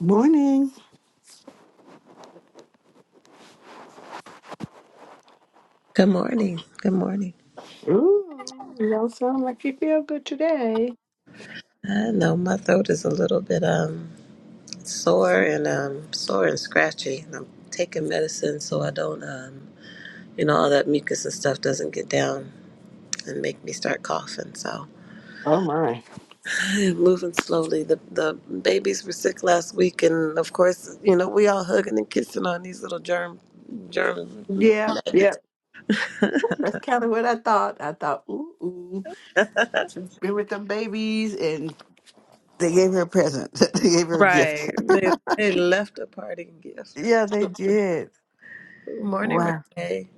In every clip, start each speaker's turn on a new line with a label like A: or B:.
A: Morning.
B: Good morning. Good morning.
A: Ooh, y'all sound like you feel good today.
B: I know my throat is a little bit um sore and um sore and scratchy. And I'm taking medicine so I don't um you know all that mucus and stuff doesn't get down and make me start coughing. So
A: Oh my.
B: I am moving slowly. The the babies were sick last week and of course, you know, we all hugging and kissing on these little germ germ
A: Yep,
B: nuggets.
A: yep. That's kind of what I thought. I thought, ooh, ooh, been with them babies, and they gave her a present. they gave her a gift.
B: Right. They they left a parting gift.
A: yeah, they did.
B: Good morning,
A: Wow.
B: Renee.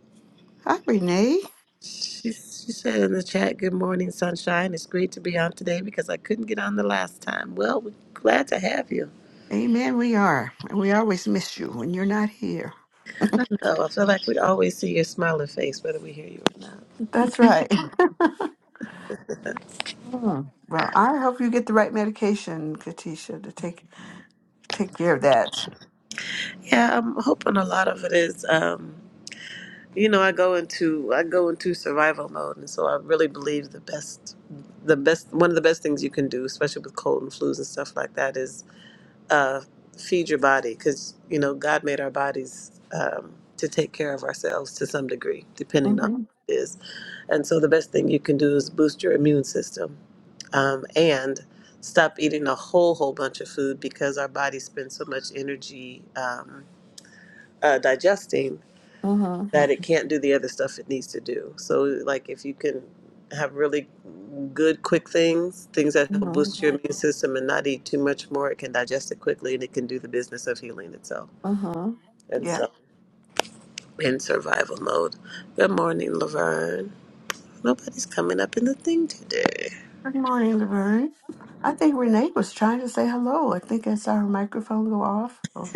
A: Hi, Renee.
B: She, she said in the chat, Good morning, sunshine. It's great to be on today because I couldn't get on the last time. Well, we're glad to have you.
A: Amen. We are, and we always miss you when you're not here.
B: I know. I feel like we always see your smiling face, whether we hear you or not.
A: That's right. Mm. Well, I hope you get the right medication, Katisha, to take take care of that.
B: Yeah, I'm hoping a lot of it is. Um, you know, I go into I go into survival mode, and so I really believe the best, the best one of the best things you can do, especially with cold and flus and stuff like that, is uh, feed your body because you know God made our bodies um, to take care of ourselves to some degree, depending on what
A: Mm-hmm.
B: it is. And so the best thing you can do is boost your immune system um, and stop eating a whole whole bunch of food because our body spends so much energy um, uh, digesting
A: Mm-hmm.
B: that it can't do the other stuff it needs to do. So, like, if you can have really good, quick things, things that help
A: Mm-hmm.
B: boost your immune system and not eat too much more, it can digest it quickly and it can do the business of healing itself.
A: Mm-hmm.
B: And so, in survival mode. Good morning, Laverne. Nobody's coming up in the thing today.
A: Good morning, Laverne. I think Renee was trying to say hello. I think I saw her microphone go off, or-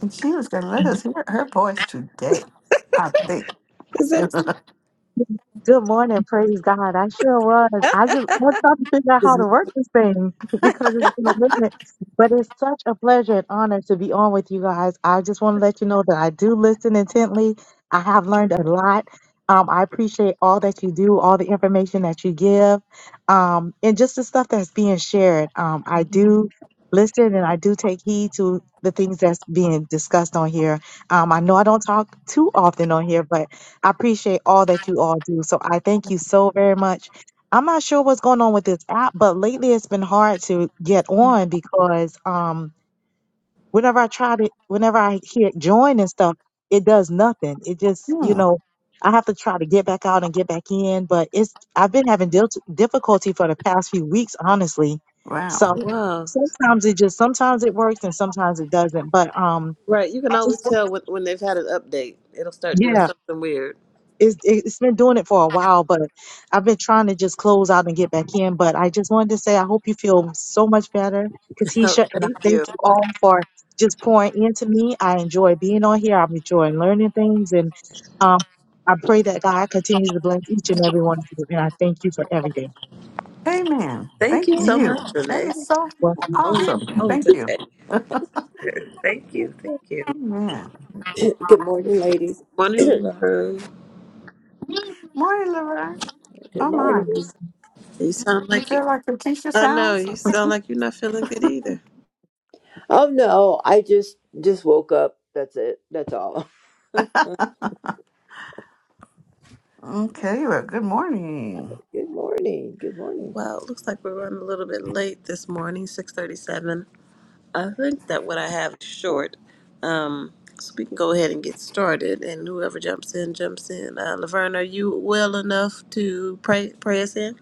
A: and she was going to let us hear her voice today. I think.
B: Is that
C: Good morning, praise God. I sure was. I just was trying to figure out how to
D: Good
C: work this thing because it's been a minute. But it's such a pleasure and honor to be on with you guys. I just want to let you know that I do listen intently. I have learned a lot. Um, I appreciate all that you do, all the information that you give, um, and just the stuff that's being shared. Um, I
A: Hmm,
C: do listen and I do take heed to the things that's being discussed on here. Um, I know I don't talk too often on here, but I appreciate all that you all do. So I thank you so very much. I'm not sure what's going on with this app, but lately it's been hard to get on because um whenever I try to whenever I hit join and stuff, it does nothing. It just, you know, I have to try to get back out and get back in, but it's I've been having dil- difficulty for the past few weeks, honestly. So
A: Wow.
B: wow?
C: sometimes it just sometimes it works and sometimes it doesn't. But um
B: Right, you can
C: I
B: always
C: just
B: tell when, when they've had an update. It'll start doing
C: yeah.
B: something weird.
C: it's it's been doing it for a while, but I've been trying to just close out and get back in. But I just wanted to say I hope you feel so much better,
B: Oh,
C: Katisha, and I
B: thank
C: thank
B: you.
C: you all for just pouring into me. I enjoy being on here. I'm enjoying learning things, and um, I pray that God continues to bless each and every one of you. And I thank you for everything.
A: Amen.
B: Thank
A: Thank
B: you
D: morning.
B: so
A: you.
B: much,
A: That
B: Renee.
A: is so
C: Well,
B: On,
A: awesome.
B: on
A: Thank you.
B: today. Thank you. Thank you.
A: Amen.
D: Good morning, ladies.
B: Morning,
D: Good
B: Laverne.
A: Morning, Laverne. Oh my.
D: morning.
B: You sound
A: You
B: like you.
A: feel like your teacher
B: I know
A: sounds?
B: you sound like you're not feeling good either.
D: Oh no, I just just woke up. That's it. That's all.
A: Okay, well, good morning.
D: Good morning. Good morning.
B: Well, it looks like we're running a little bit late this morning, six thirty-seven. I think that what I have is
D: Oh
B: short, um, so we can go ahead and get started. And whoever jumps in, jumps in. Uh, Laverne, are you well enough to pray pray us in?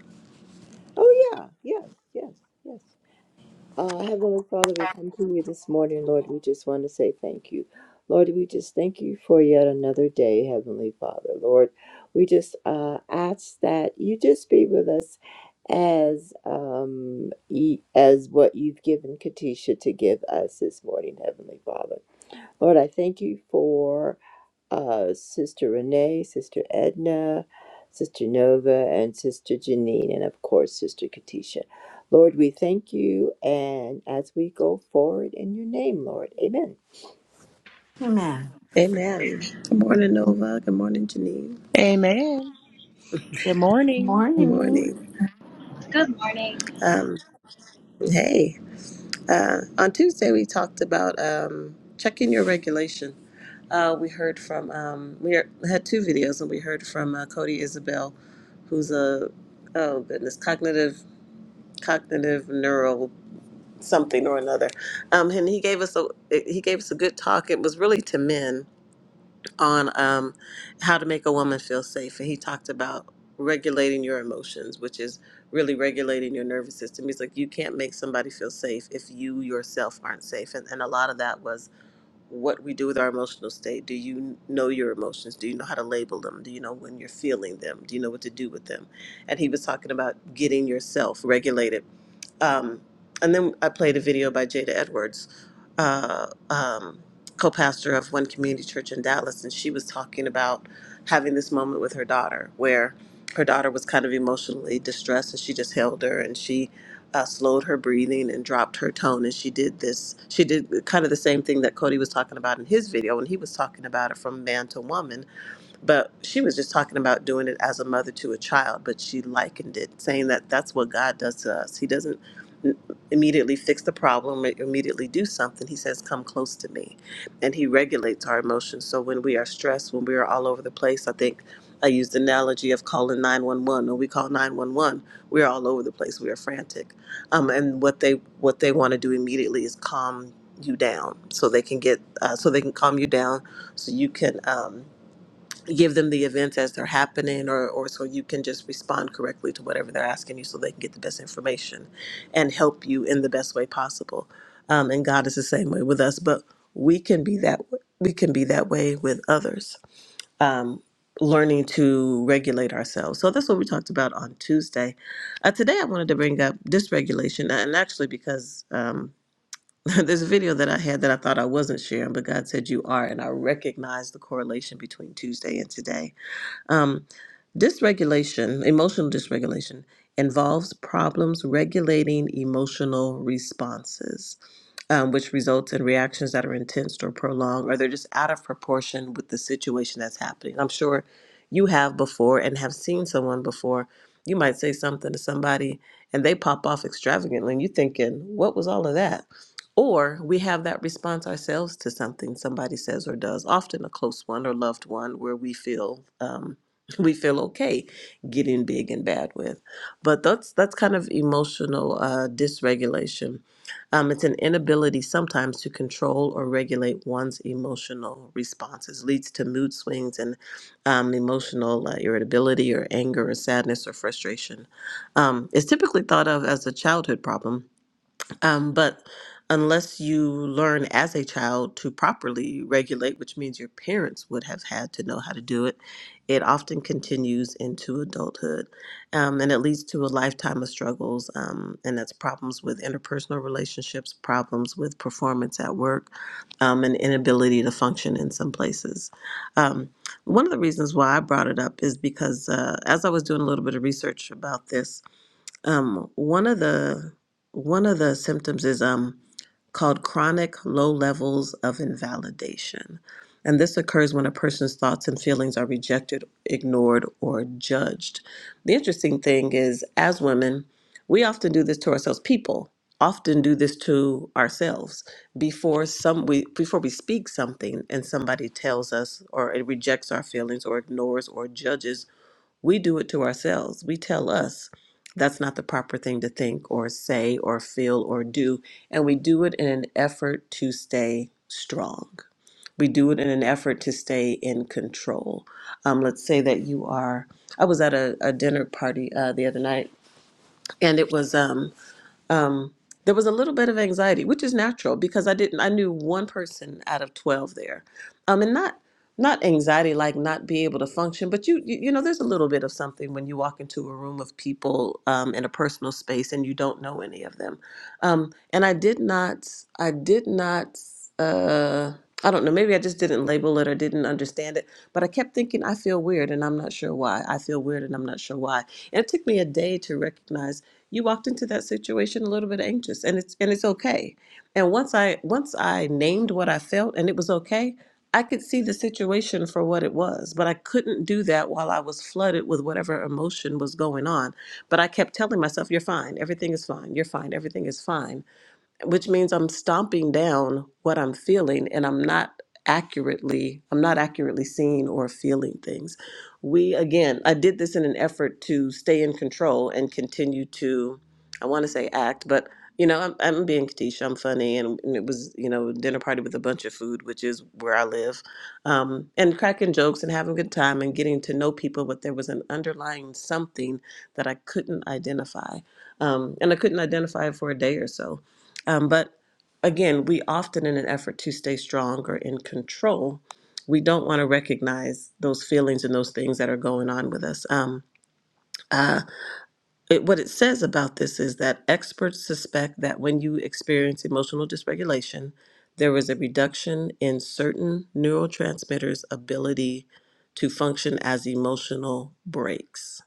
D: yeah. Yes. Yes. Yes. Uh, Heavenly Father, we come to you this morning, Lord. We just want to say thank you. Lord, we just thank you for yet another day, Heavenly Father. Lord, we just uh, ask that you just be with us as um e- as what you've given Katisha to give us this morning, Heavenly Father. Lord, I thank you for uh, Sister Renee, Sister Edna, Sister Nova, and Sister Janine, and of course, Sister Katisha. Lord, we thank you, and as we go forward in your name, Lord, amen.
A: Amen.
B: Amen. Good morning, Nova. Good morning, Janine.
E: Amen. Good morning.
B: Good
A: Morning.
B: morning.
F: Good morning.
B: Um, hey. Uh, on Tuesday, we talked about um, checking your regulation. Uh, we heard from um, we are- had two videos, and we heard from uh, Cody Isabel, who's a oh goodness cognitive cognitive neural something or another, um, and he gave us a he gave us a good talk. It was really to men, on um, how to make a woman feel safe, and he talked about regulating your emotions, which is really regulating your nervous system. He's like, you can't make somebody feel safe if you yourself aren't safe, and and a lot of that was what we do with our emotional state. Do you know your emotions? Do you know how to label them? Do you know when you're feeling them? Do you know what to do with them? And he was talking about getting yourself regulated um, and then I played a video by Jada Edwards, uh, um, co pastor of One Community Church in Dallas. And she was talking about having this moment with her daughter where her daughter was kind of emotionally distressed and she just held her and she uh, slowed her breathing and dropped her tone. And she did this, she did kind of the same thing that Cody was talking about in his video when he was talking about it from man to woman but she was just talking about doing it as a mother to a child but she likened it saying that that's what god does to us he doesn't n- immediately fix the problem or immediately do something he says come close to me and he regulates our emotions so when we are stressed when we are all over the place i think i used the analogy of calling 911 when we call 911 we're all over the place we are frantic um, and what they what they want to do immediately is calm you down so they can get uh, so they can calm you down so you can um, give them the events as they're happening or, or so you can just respond correctly to whatever they're asking you so they can get the best information and help you in the best way possible um, and god is the same way with us but we can be that we can be that way with others um, learning to regulate ourselves so that's what we talked about on tuesday uh, today i wanted to bring up dysregulation uh, and actually because um, there's a video that i had that i thought i wasn't sharing but god said you are and i recognize the correlation between tuesday and today um, dysregulation, emotional dysregulation, involves problems regulating emotional responses um, which results in reactions that are intense or prolonged, or they're just out of proportion with the situation that's happening. I'm sure you have before and have seen someone before. You might say something to somebody and they pop off extravagantly, and you're thinking, what was all of that? Or we have that response ourselves to something somebody says or does, often a close one or loved one, where we feel um, we feel okay getting big and bad with. But that's that's kind of emotional uh, dysregulation um, it's an inability sometimes to control or regulate one's emotional responses, leads to mood swings and um, emotional uh, irritability or anger or sadness or frustration. Um, it's typically thought of as a childhood problem um, but unless you learn as a child to properly regulate, which means your parents would have had to know how to do it, it often continues into adulthood. Um, and it leads to a lifetime of struggles. Um, and that's problems with interpersonal relationships, problems with performance at work, um, and inability to function in some places. Um, one of the reasons why I brought it up is because uh, as I was doing a little bit of research about this, um, one of the one of the symptoms is um called chronic low levels of invalidation. And this occurs when a person's thoughts and feelings are rejected, ignored, or judged. The interesting thing is, as women, we often do this to ourselves. People often do this to ourselves before some we before we speak something and somebody tells us or it rejects our feelings or ignores or judges we do it to ourselves. We tell us that's not the proper thing to think or say or feel or do. And we do it in an effort to stay strong. We do it in an effort to stay in control. Um, let's say that you are. I was at a, a dinner party uh, the other night, and it was. Um, um, there was a little bit of anxiety, which is natural because I didn't I knew one person out of 12 there. Um, and not not anxiety like not be able to function, but you you, you know there's a little bit of something when you walk into a room of people um, in a personal space and you don't know any of them. Um, and I did not I did not uh, I don't know maybe I just didn't label it or didn't understand it, but I kept thinking I feel weird and I'm not sure why. I feel weird and I'm not sure why. And it took me a day to recognize you walked into that situation a little bit anxious and it's and it's okay and once i once i named what i felt and it was okay i could see the situation for what it was but i couldn't do that while i was flooded with whatever emotion was going on but i kept telling myself you're fine everything is fine you're fine everything is fine which means I'm stomping down what I'm feeling and I'm not accurately I'm not accurately seeing or feeling things. We again, I did this in an effort to stay in control and continue to I want to say act, but you know, I'm, I'm being Katisha. I'm funny, and, and it was, you know, dinner party with a bunch of food, which is where I live, um, and cracking jokes and having a good time and getting to know people. But there was an underlying something that I couldn't identify, um, and I couldn't identify it for a day or so um, but again, we often, in an effort to stay strong or in control, we don't want to recognize those feelings and those things that are going on with us. Um, uh, it, what it says about this is that experts suspect that when you experience emotional dysregulation, there is a reduction in certain neurotransmitters' ability to function as emotional breaks,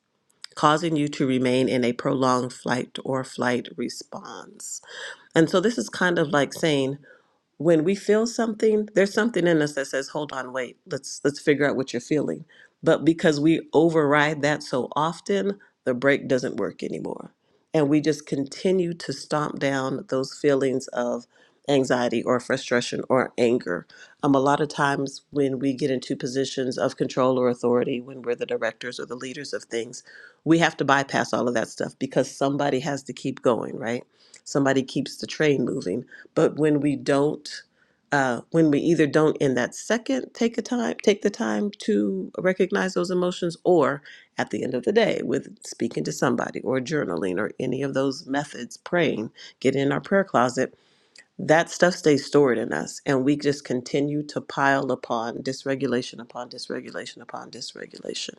B: causing you to remain in a prolonged flight or flight response. And so this is kind of like saying, when we feel something there's something in us that says hold on wait let's let's figure out what you're feeling but because we override that so often the brake doesn't work anymore and we just continue to stomp down those feelings of anxiety or frustration or anger um, a lot of times when we get into positions of control or authority when we're the directors or the leaders of things we have to bypass all of that stuff because somebody has to keep going right somebody keeps the train moving but when we don't, uh, when we either don't in that second take a time, take the time to recognize those emotions, or at the end of the day with speaking to somebody or journaling or any of those methods, praying, get in our prayer closet that stuff stays stored in us and we just continue to pile upon dysregulation upon dysregulation upon dysregulation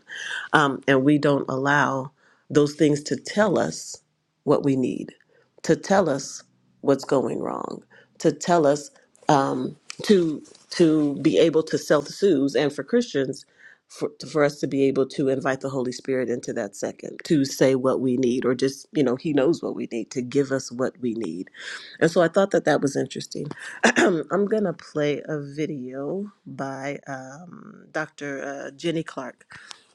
B: um, and we don't allow those things to tell us what we need to tell us what's going wrong to tell us um, to to be able to self-soothe and for christians for, for us to be able to invite the holy spirit into that second to say what we need or just you know he knows what we need to give us what we need and so I thought that that was interesting. I'm going to play a video by um, Dr. Uh, Jenny Clark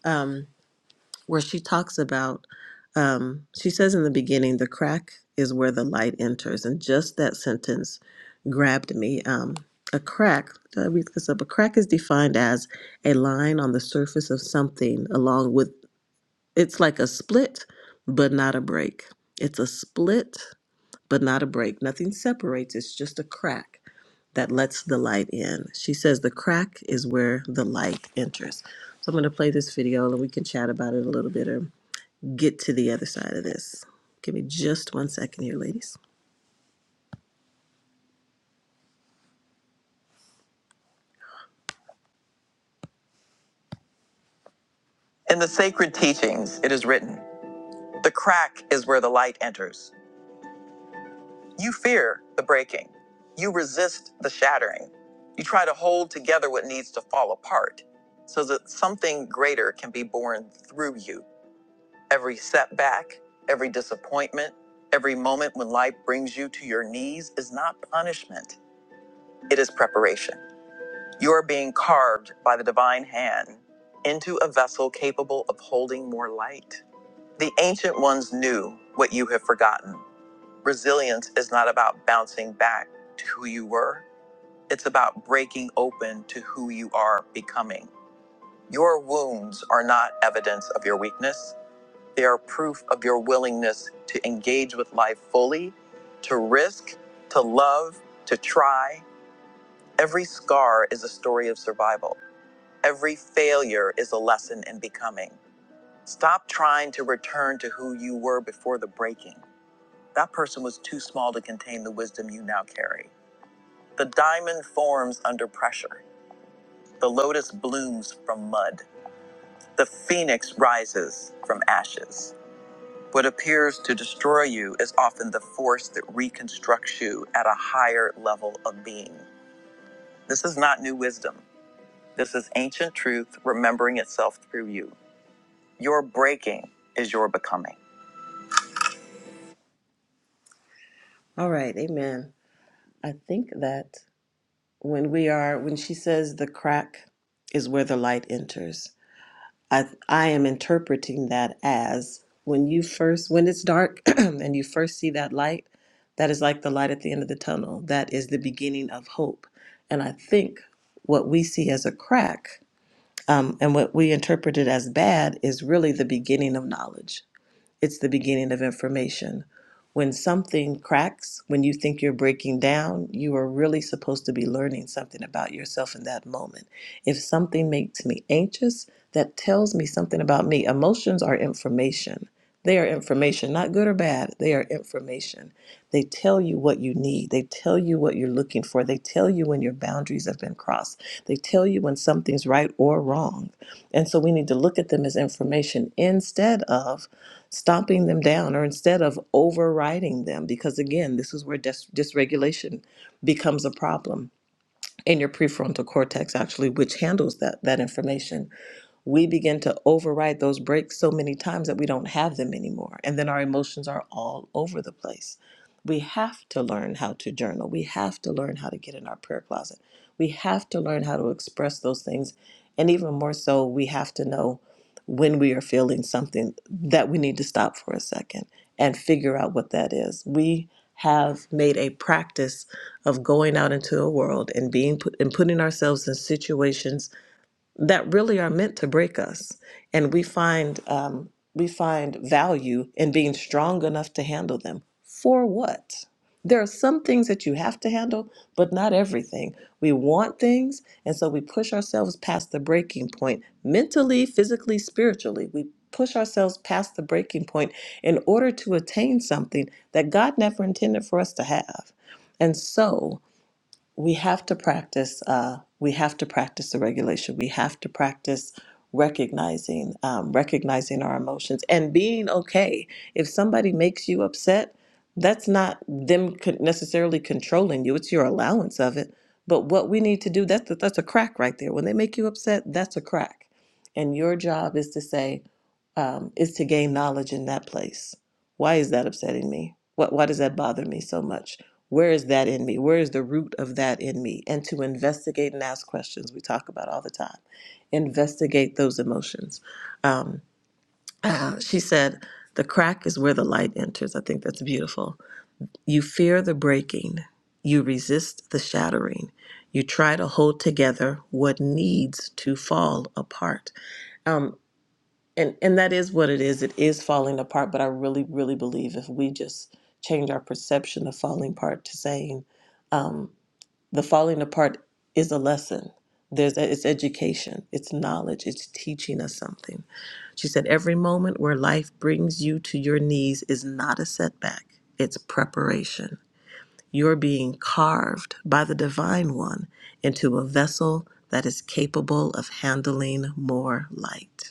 B: um, where she talks about, um, she says in the beginning, the crack is where the light enters. And just that sentence grabbed me. Um, a crack, did I read this up? A crack is defined as a line on the surface of something, along with, it's like a split, but not a break. It's a split but not a break. Nothing separates, it's just a crack that lets the light in. She says the crack is where the light enters. So I'm going to play this video and we can chat about it a little bit or get to the other side of this. Give me just one second here, ladies. In the sacred teachings, it is written the crack is where the light enters. You fear the breaking, you resist the shattering. You try to hold together what needs to fall apart so that something greater can be born through you. Every setback, every disappointment, every moment when life brings you to your knees is not punishment, it is preparation. You are being carved by the divine hand into a vessel capable of holding more light. The ancient ones knew what you have forgotten. Resilience is not about bouncing back to who you were, it's about breaking open to who you are becoming. Your wounds are not evidence of your weakness. They are proof of your willingness to engage with life fully, to risk, to love, to try. Every scar is a story of survival. Every failure is a lesson in becoming. Stop trying to return to who you were before the breaking. That person was too small to contain the wisdom you now carry. The diamond forms under pressure. The lotus blooms from mud. The phoenix rises from ashes. What appears to destroy you is often the force that reconstructs you at a higher level of being. This is not new wisdom. This is ancient truth remembering itself through you. Your breaking is your becoming. All right, amen. I think that when we are, when she says the crack is where the light enters, I I am interpreting that as when you first when it's dark and you first see that light, that is like the light at the end of the tunnel. That is the beginning of hope. And I think what we see as a crack um, and what we interpreted as bad is really the beginning of knowledge. It's the beginning of information. When something cracks, when you think you're breaking down, you are really supposed to be learning something about yourself in that moment. If something makes me anxious, that tells me something about me. Emotions are information. They are information, not good or bad. They are information. They tell you what you need. They tell you what you're looking for. They tell you when your boundaries have been crossed. They tell you when something's right or wrong. And so we need to look at them as information instead of stomping them down or instead of overriding them. Because again, this is where dis- dysregulation becomes a problem in your prefrontal cortex actually which handles that that information we begin to override those breaks so many times that we don't have them anymore and then our emotions are all over the place we have to learn how to journal. We have to learn how to get in our prayer closet. We have to learn how to express those things. And even more so, we have to know when we are feeling something that we need to stop for a second and figure out what that is. We have made a practice of going out into a world and being put, and putting ourselves in situations that really are meant to break us, and we find um, we find value in being strong enough to handle them. For what? There are some things that you have to handle, but not everything. We want things, and so we push ourselves past the breaking point mentally, physically, spiritually. We push ourselves past the breaking point in order to attain something that God never intended for us to have. And so, we have to practice uh, we have to practice the regulation we have to practice recognizing um, recognizing our emotions and being okay if somebody makes you upset that's not them con- necessarily controlling you it's your allowance of it but what we need to do that's that's a crack right there when they make you upset that's a crack and your job is to say um, is to gain knowledge in that place. Why is that upsetting me? What, why does that bother me so much? Where is that in me? Where is the root of that in me? And to investigate and ask questions we talk about all the time. Investigate those emotions. Um, uh, she said, The crack is where the light enters. I think that's beautiful. You fear the breaking, you resist the shattering. You try to hold together what needs to fall apart. Um, and and that is what it is it is falling apart but i really really believe if we just change our perception of falling apart to saying um, the falling apart is a lesson there's e, it's education it's knowledge it's teaching us something she said every moment where life brings you to your knees is not a setback it's preparation you're being carved by the divine one into a vessel that is capable of handling more light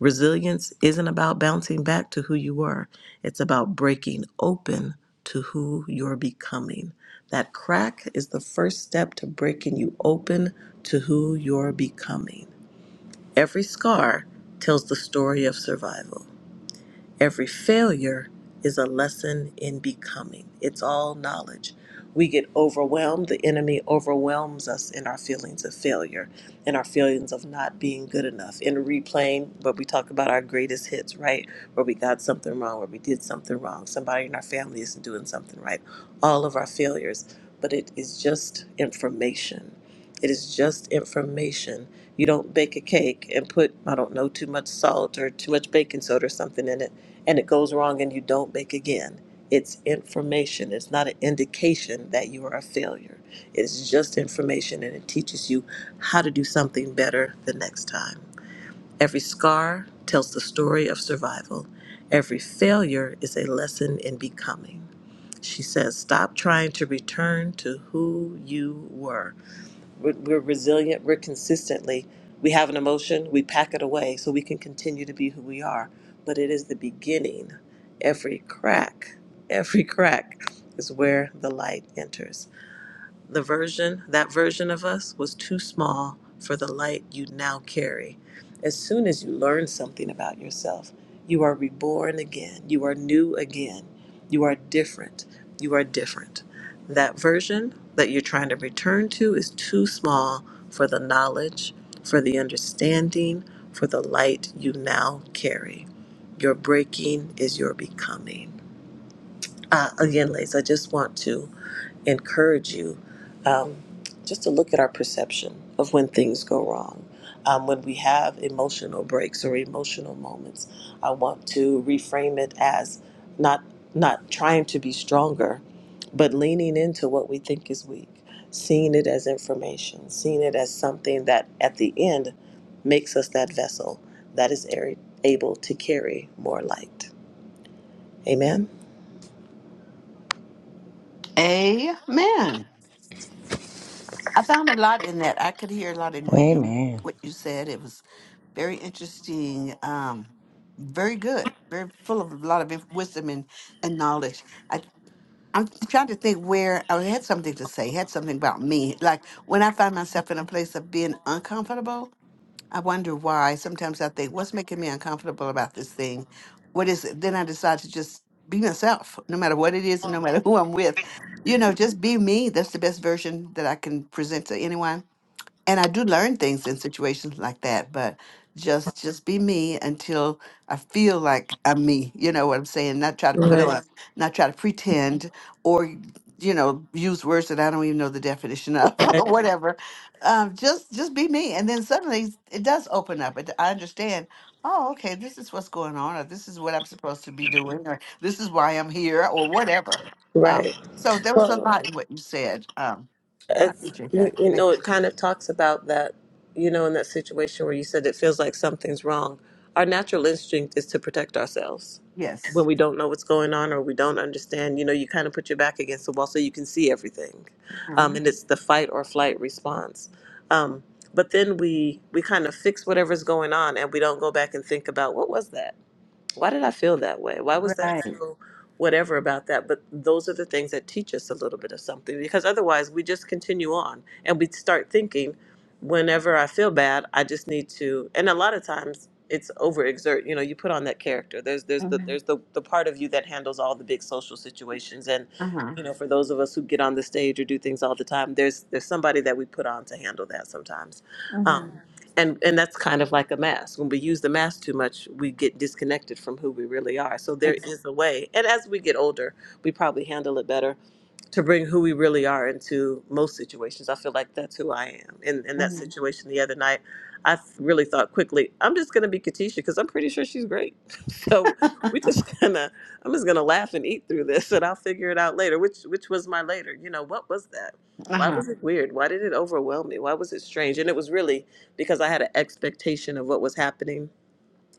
B: Resilience isn't about bouncing back to who you were, it's about breaking open to who you're becoming. That crack is the first step to breaking you open to who you're becoming. Every scar tells the story of survival. Every failure is a lesson in becoming. It's all knowledge. We get overwhelmed. The enemy overwhelms us in our feelings of failure, in our feelings of not being good enough, in replaying but we talk about our greatest hits, right? Where we got something wrong, where we did something wrong, somebody in our family isn't doing something right, all of our failures. But it is just information. It is just information. You don't bake a cake and put, I don't know, too much salt or too much baking soda or something in it, and it goes wrong and you don't bake again. It's information. It's not an indication that you are a failure. It's just information and it teaches you how to do something better the next time. Every scar tells the story of survival. Every failure is a lesson in becoming. She says, stop trying to return to who you were. We're, we're resilient, we're consistently, we have an emotion, we pack it away so we can continue to be who we are. But it is the beginning. Every crack, every crack is where the light enters the version, that version of us, was too small for the light you now carry. As soon as you learn something about yourself, you are reborn again. You are new again. You are different. You are different. That version that you're trying to return to is too small for the knowledge, for the understanding, for the light you now carry. Your breaking is your becoming. Uh, again, ladies, I just want to encourage you um, just to look at our perception of when things go wrong. Um, when we have emotional breaks or emotional moments, I want to reframe it as not not trying to be stronger, but leaning into what we think is weak, seeing it as information, seeing it as something that at the end makes us that vessel that is a- able to carry more light. Amen.
A: Amen. I found a lot in that. I could hear a lot in what you
E: Amen.
A: what you said. It was very interesting. Um, very good. Very full of a lot of inf- wisdom and, and knowledge. I I'm trying to think where I had something to say. Had something about me, like when I find myself in a place of being uncomfortable. I wonder why. Sometimes I think, what's making me uncomfortable about this thing? What is it? Then I decide to just be myself, no matter what it is and no matter who I'm with. You know, just be me. That's the best version that I can present to anyone and I do learn things in situations like that, but just just be me until I feel like I'm me. You know what I'm saying? Not try to put
B: Right.
A: on, Mhm. not try to pretend, or you know, use words that I don't even know the definition of, or whatever. Um, just just be me, and then suddenly it does open up. It, I understand. Oh, okay, this is what's going on, or this is what I'm supposed to be doing, or this is why I'm here, or whatever. Um,
B: Right.
A: so there was a
B: Well,
A: lot in what you said. Um, I
B: it's,
A: appreciate
B: you,
A: that.
B: you
A: Thank
B: know,
A: you.
B: it kind of talks about that, you know, in that situation where you said it feels like something's wrong. Our natural instinct is to protect ourselves
A: Yes.
B: when we don't know what's going on or we don't understand. You know, you kind of put your back against the wall so you can see everything,
A: Uh-huh.
B: um, and it's the fight or flight response. Um, but then we we kind of fix whatever's going on, and we don't go back and think about what was that why did I feel that way? Why was that
A: Right.
B: so whatever about that? But those are the things that teach us a little bit of something because otherwise we just continue on and we start thinking whenever I feel bad, I just need to and a lot of times it's overexert. You know, you put on that character. There's there's the
A: Mhm.
B: there's the, the part of you that handles all the big social situations and
A: Uh-huh.
B: you know, for those of us who get on the stage or do things all the time, there's there's somebody that we put on to handle that sometimes. Um,
A: Mhm.
B: and and that's kind of like a mask when we use the mask too much we get disconnected from who we really are so there
A: Exactly.
B: is a way and as we get older we probably handle it better to bring who we really are into most situations. I feel like that's who I am. In in that
A: Mhm.
B: situation the other night, I f- really thought quickly, I'm just gonna be Katisha because I'm pretty sure she's great. so we just gonna I'm just gonna laugh and eat through this and I'll figure it out later. Which which was my later. You know, what was that? Why
A: Uh-huh.
B: was it weird? Why did it overwhelm me? Why was it strange? And it was really because I had an expectation of what was happening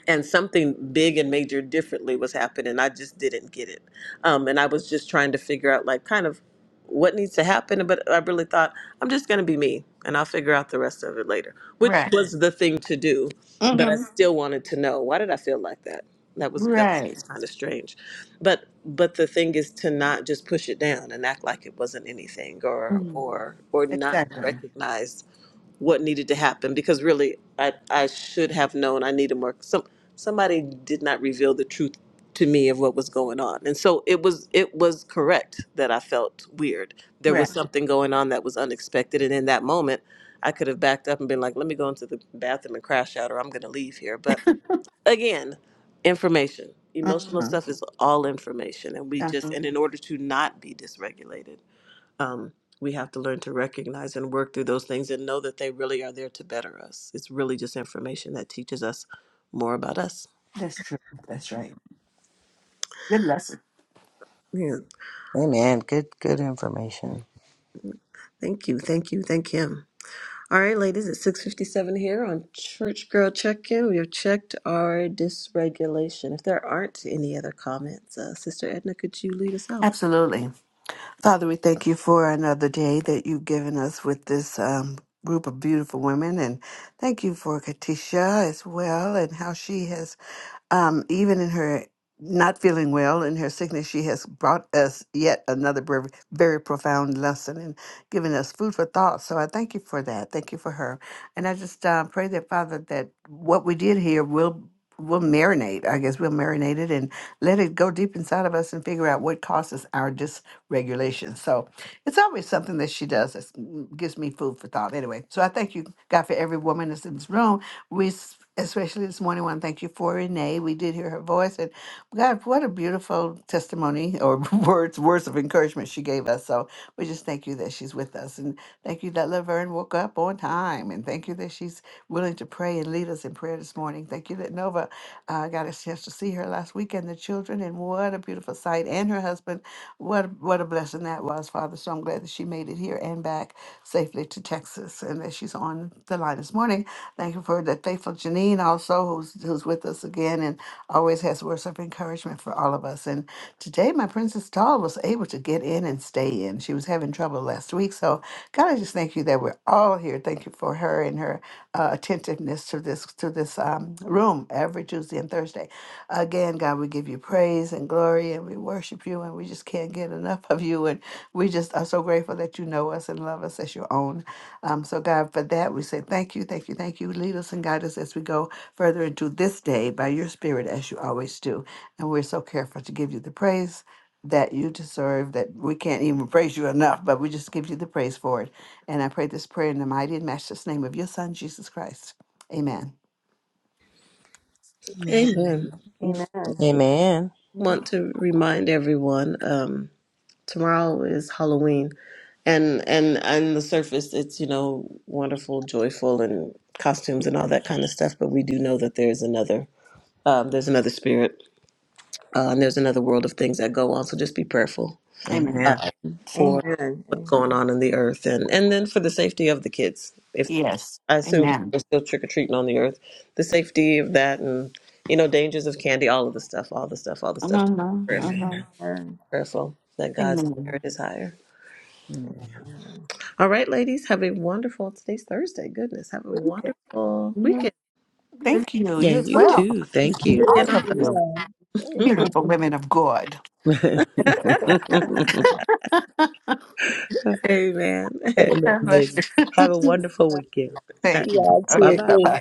B: and something big and major differently was happening. I just didn't get it. Um, and I was just trying to figure out, like, kind of what needs to happen. But I really thought, I'm just going to be me and I'll figure out the rest of it later, which
A: Right.
B: was the thing to do. But I
A: Mhm.
B: still wanted to know why did I feel like that? That was that was
A: Right.
B: kind of strange, but but the thing is to not just push it down and act like it wasn't anything or
A: Mhm.
B: or or not
A: Exactly.
B: recognize what needed to happen because really I, I should have known I needed more some somebody did not reveal the truth to me of what was going on. And so it was it was correct that I felt weird. There was
A: Right.
B: something going on that was unexpected and in that moment I could have backed up and been like, let me go into the bathroom and crash out or I'm gonna leave here. But again, information. Emotional
A: Uh-huh.
B: stuff is all information and we just
A: Uh-huh.
B: and in order to not be dysregulated um, we have to learn to recognize and work through those things and know that they really are there to better us. It's really just information that teaches us more about us.
A: That's true. That's right. Good lesson.
B: Yeah.
E: Amen. Good good information.
B: Thank you. Thank you. Thank him. All right, ladies, it's 657 here on Church Girl Check-In. We have checked our dysregulation. If there aren't any other comments, uh, Sister Edna, could you lead us out?
A: Absolutely. Father, we thank you for another day that you've given us with this um, group of beautiful women. And thank you for Katisha as well and how she has Um, even in her not feeling well, in her sickness, she has brought us yet another very, very profound lesson and given us food for thought. So I thank you for that. Thank you for her. And I just uh, pray that, Father, that what we did here will. will marinate, I guess we'll marinate it and let it go deep inside of us and figure out what causes our dysregulation. So it's always something that she does that gives me food for thought. Anyway, so I thank you, God, for every woman that's in this room we s- especially this morning want to thank you for Renee. We did hear her voice, and God, what a beautiful testimony or words words of encouragement she gave us. So we just thank you that she's with us, and thank you that Laverne woke up on time, and thank you that she's willing to pray and lead us in prayer this morning. Thank you that Nova uh, got a chance to see her last weekend, the children, and what a beautiful sight, and her husband. What a- what a blessing that was, Father. So I'm glad that she made it here and back safely to Texas, and that she's on the line this morning. Thank you for the faithful Janine also, who's who's with us again and always has words of encouragement for all of us. And today, my Princess Doll was able to get in and stay in. She was having trouble last week, so God, I just thank you that we're all here. Thank you for her and her uh, attentiveness to this to this um, room every Tuesday and Thursday. Again, God, we give you praise and glory, and we worship you, and we just can't get enough of you. And we just are so grateful that you know us and love us as your own. Um, so, God, for that, we say thank you, thank you, thank you. Lead us and guide us as we go further into this day by your Spirit, as you always do. And we're so careful to give you the praise that you deserve, that we can't even praise you enough, but we just give you the praise for it. And I pray this prayer in the mighty and matchless name of your Son, Jesus Christ. Amen.
G: Amen.
B: Amen.
D: Amen.
E: Amen.
D: Amen.
B: Want to remind everyone, um, tomorrow is Halloween, and and on the surface, it's you know wonderful, joyful, and costumes and all that kind of stuff. But we do know that there's another, um, there's another spirit, uh, and there's another world of things that go on. So just be prayerful
A: Amen.
E: Amen.
B: um, for
D: Amen.
B: what's going on in the earth and, and then for the safety of the kids. If
A: Yes.
B: I assume people
A: Amen.
B: are still trick or treating on the earth, the safety of that and, you know, dangers of candy, all of the stuff, all the stuff, all the stuff. Just be
A: Mhm,
B: Prayerful,
A: mhm.
E: Amen.
D: Amen.
B: prayerful that God's spirit
A: Amen.
B: is higher.
E: Amen.
B: All right, ladies, have a wonderful, today's Thursday. Goodness, have a wonderful
A: Mhm.
B: weekend.
A: Thank you.
E: Yeah,
A: You as
E: you
D: Amen.
A: well.
E: too.
B: We'll
E: Thank
B: see you
E: you.
B: again
A: All
B: on
A: of you.
G: Yeah.
A: Beautiful women of God.
B: Thursday. Amen.
E: Amen,
A: God bless
E: lady.
A: you.
E: Have a wonderful weekend.
B: bye
A: Thank you.
G: y'all
B: bye.
E: Bye
A: Okay.
G: too.
E: bye.
A: Bye
G: Thanks.
A: bye.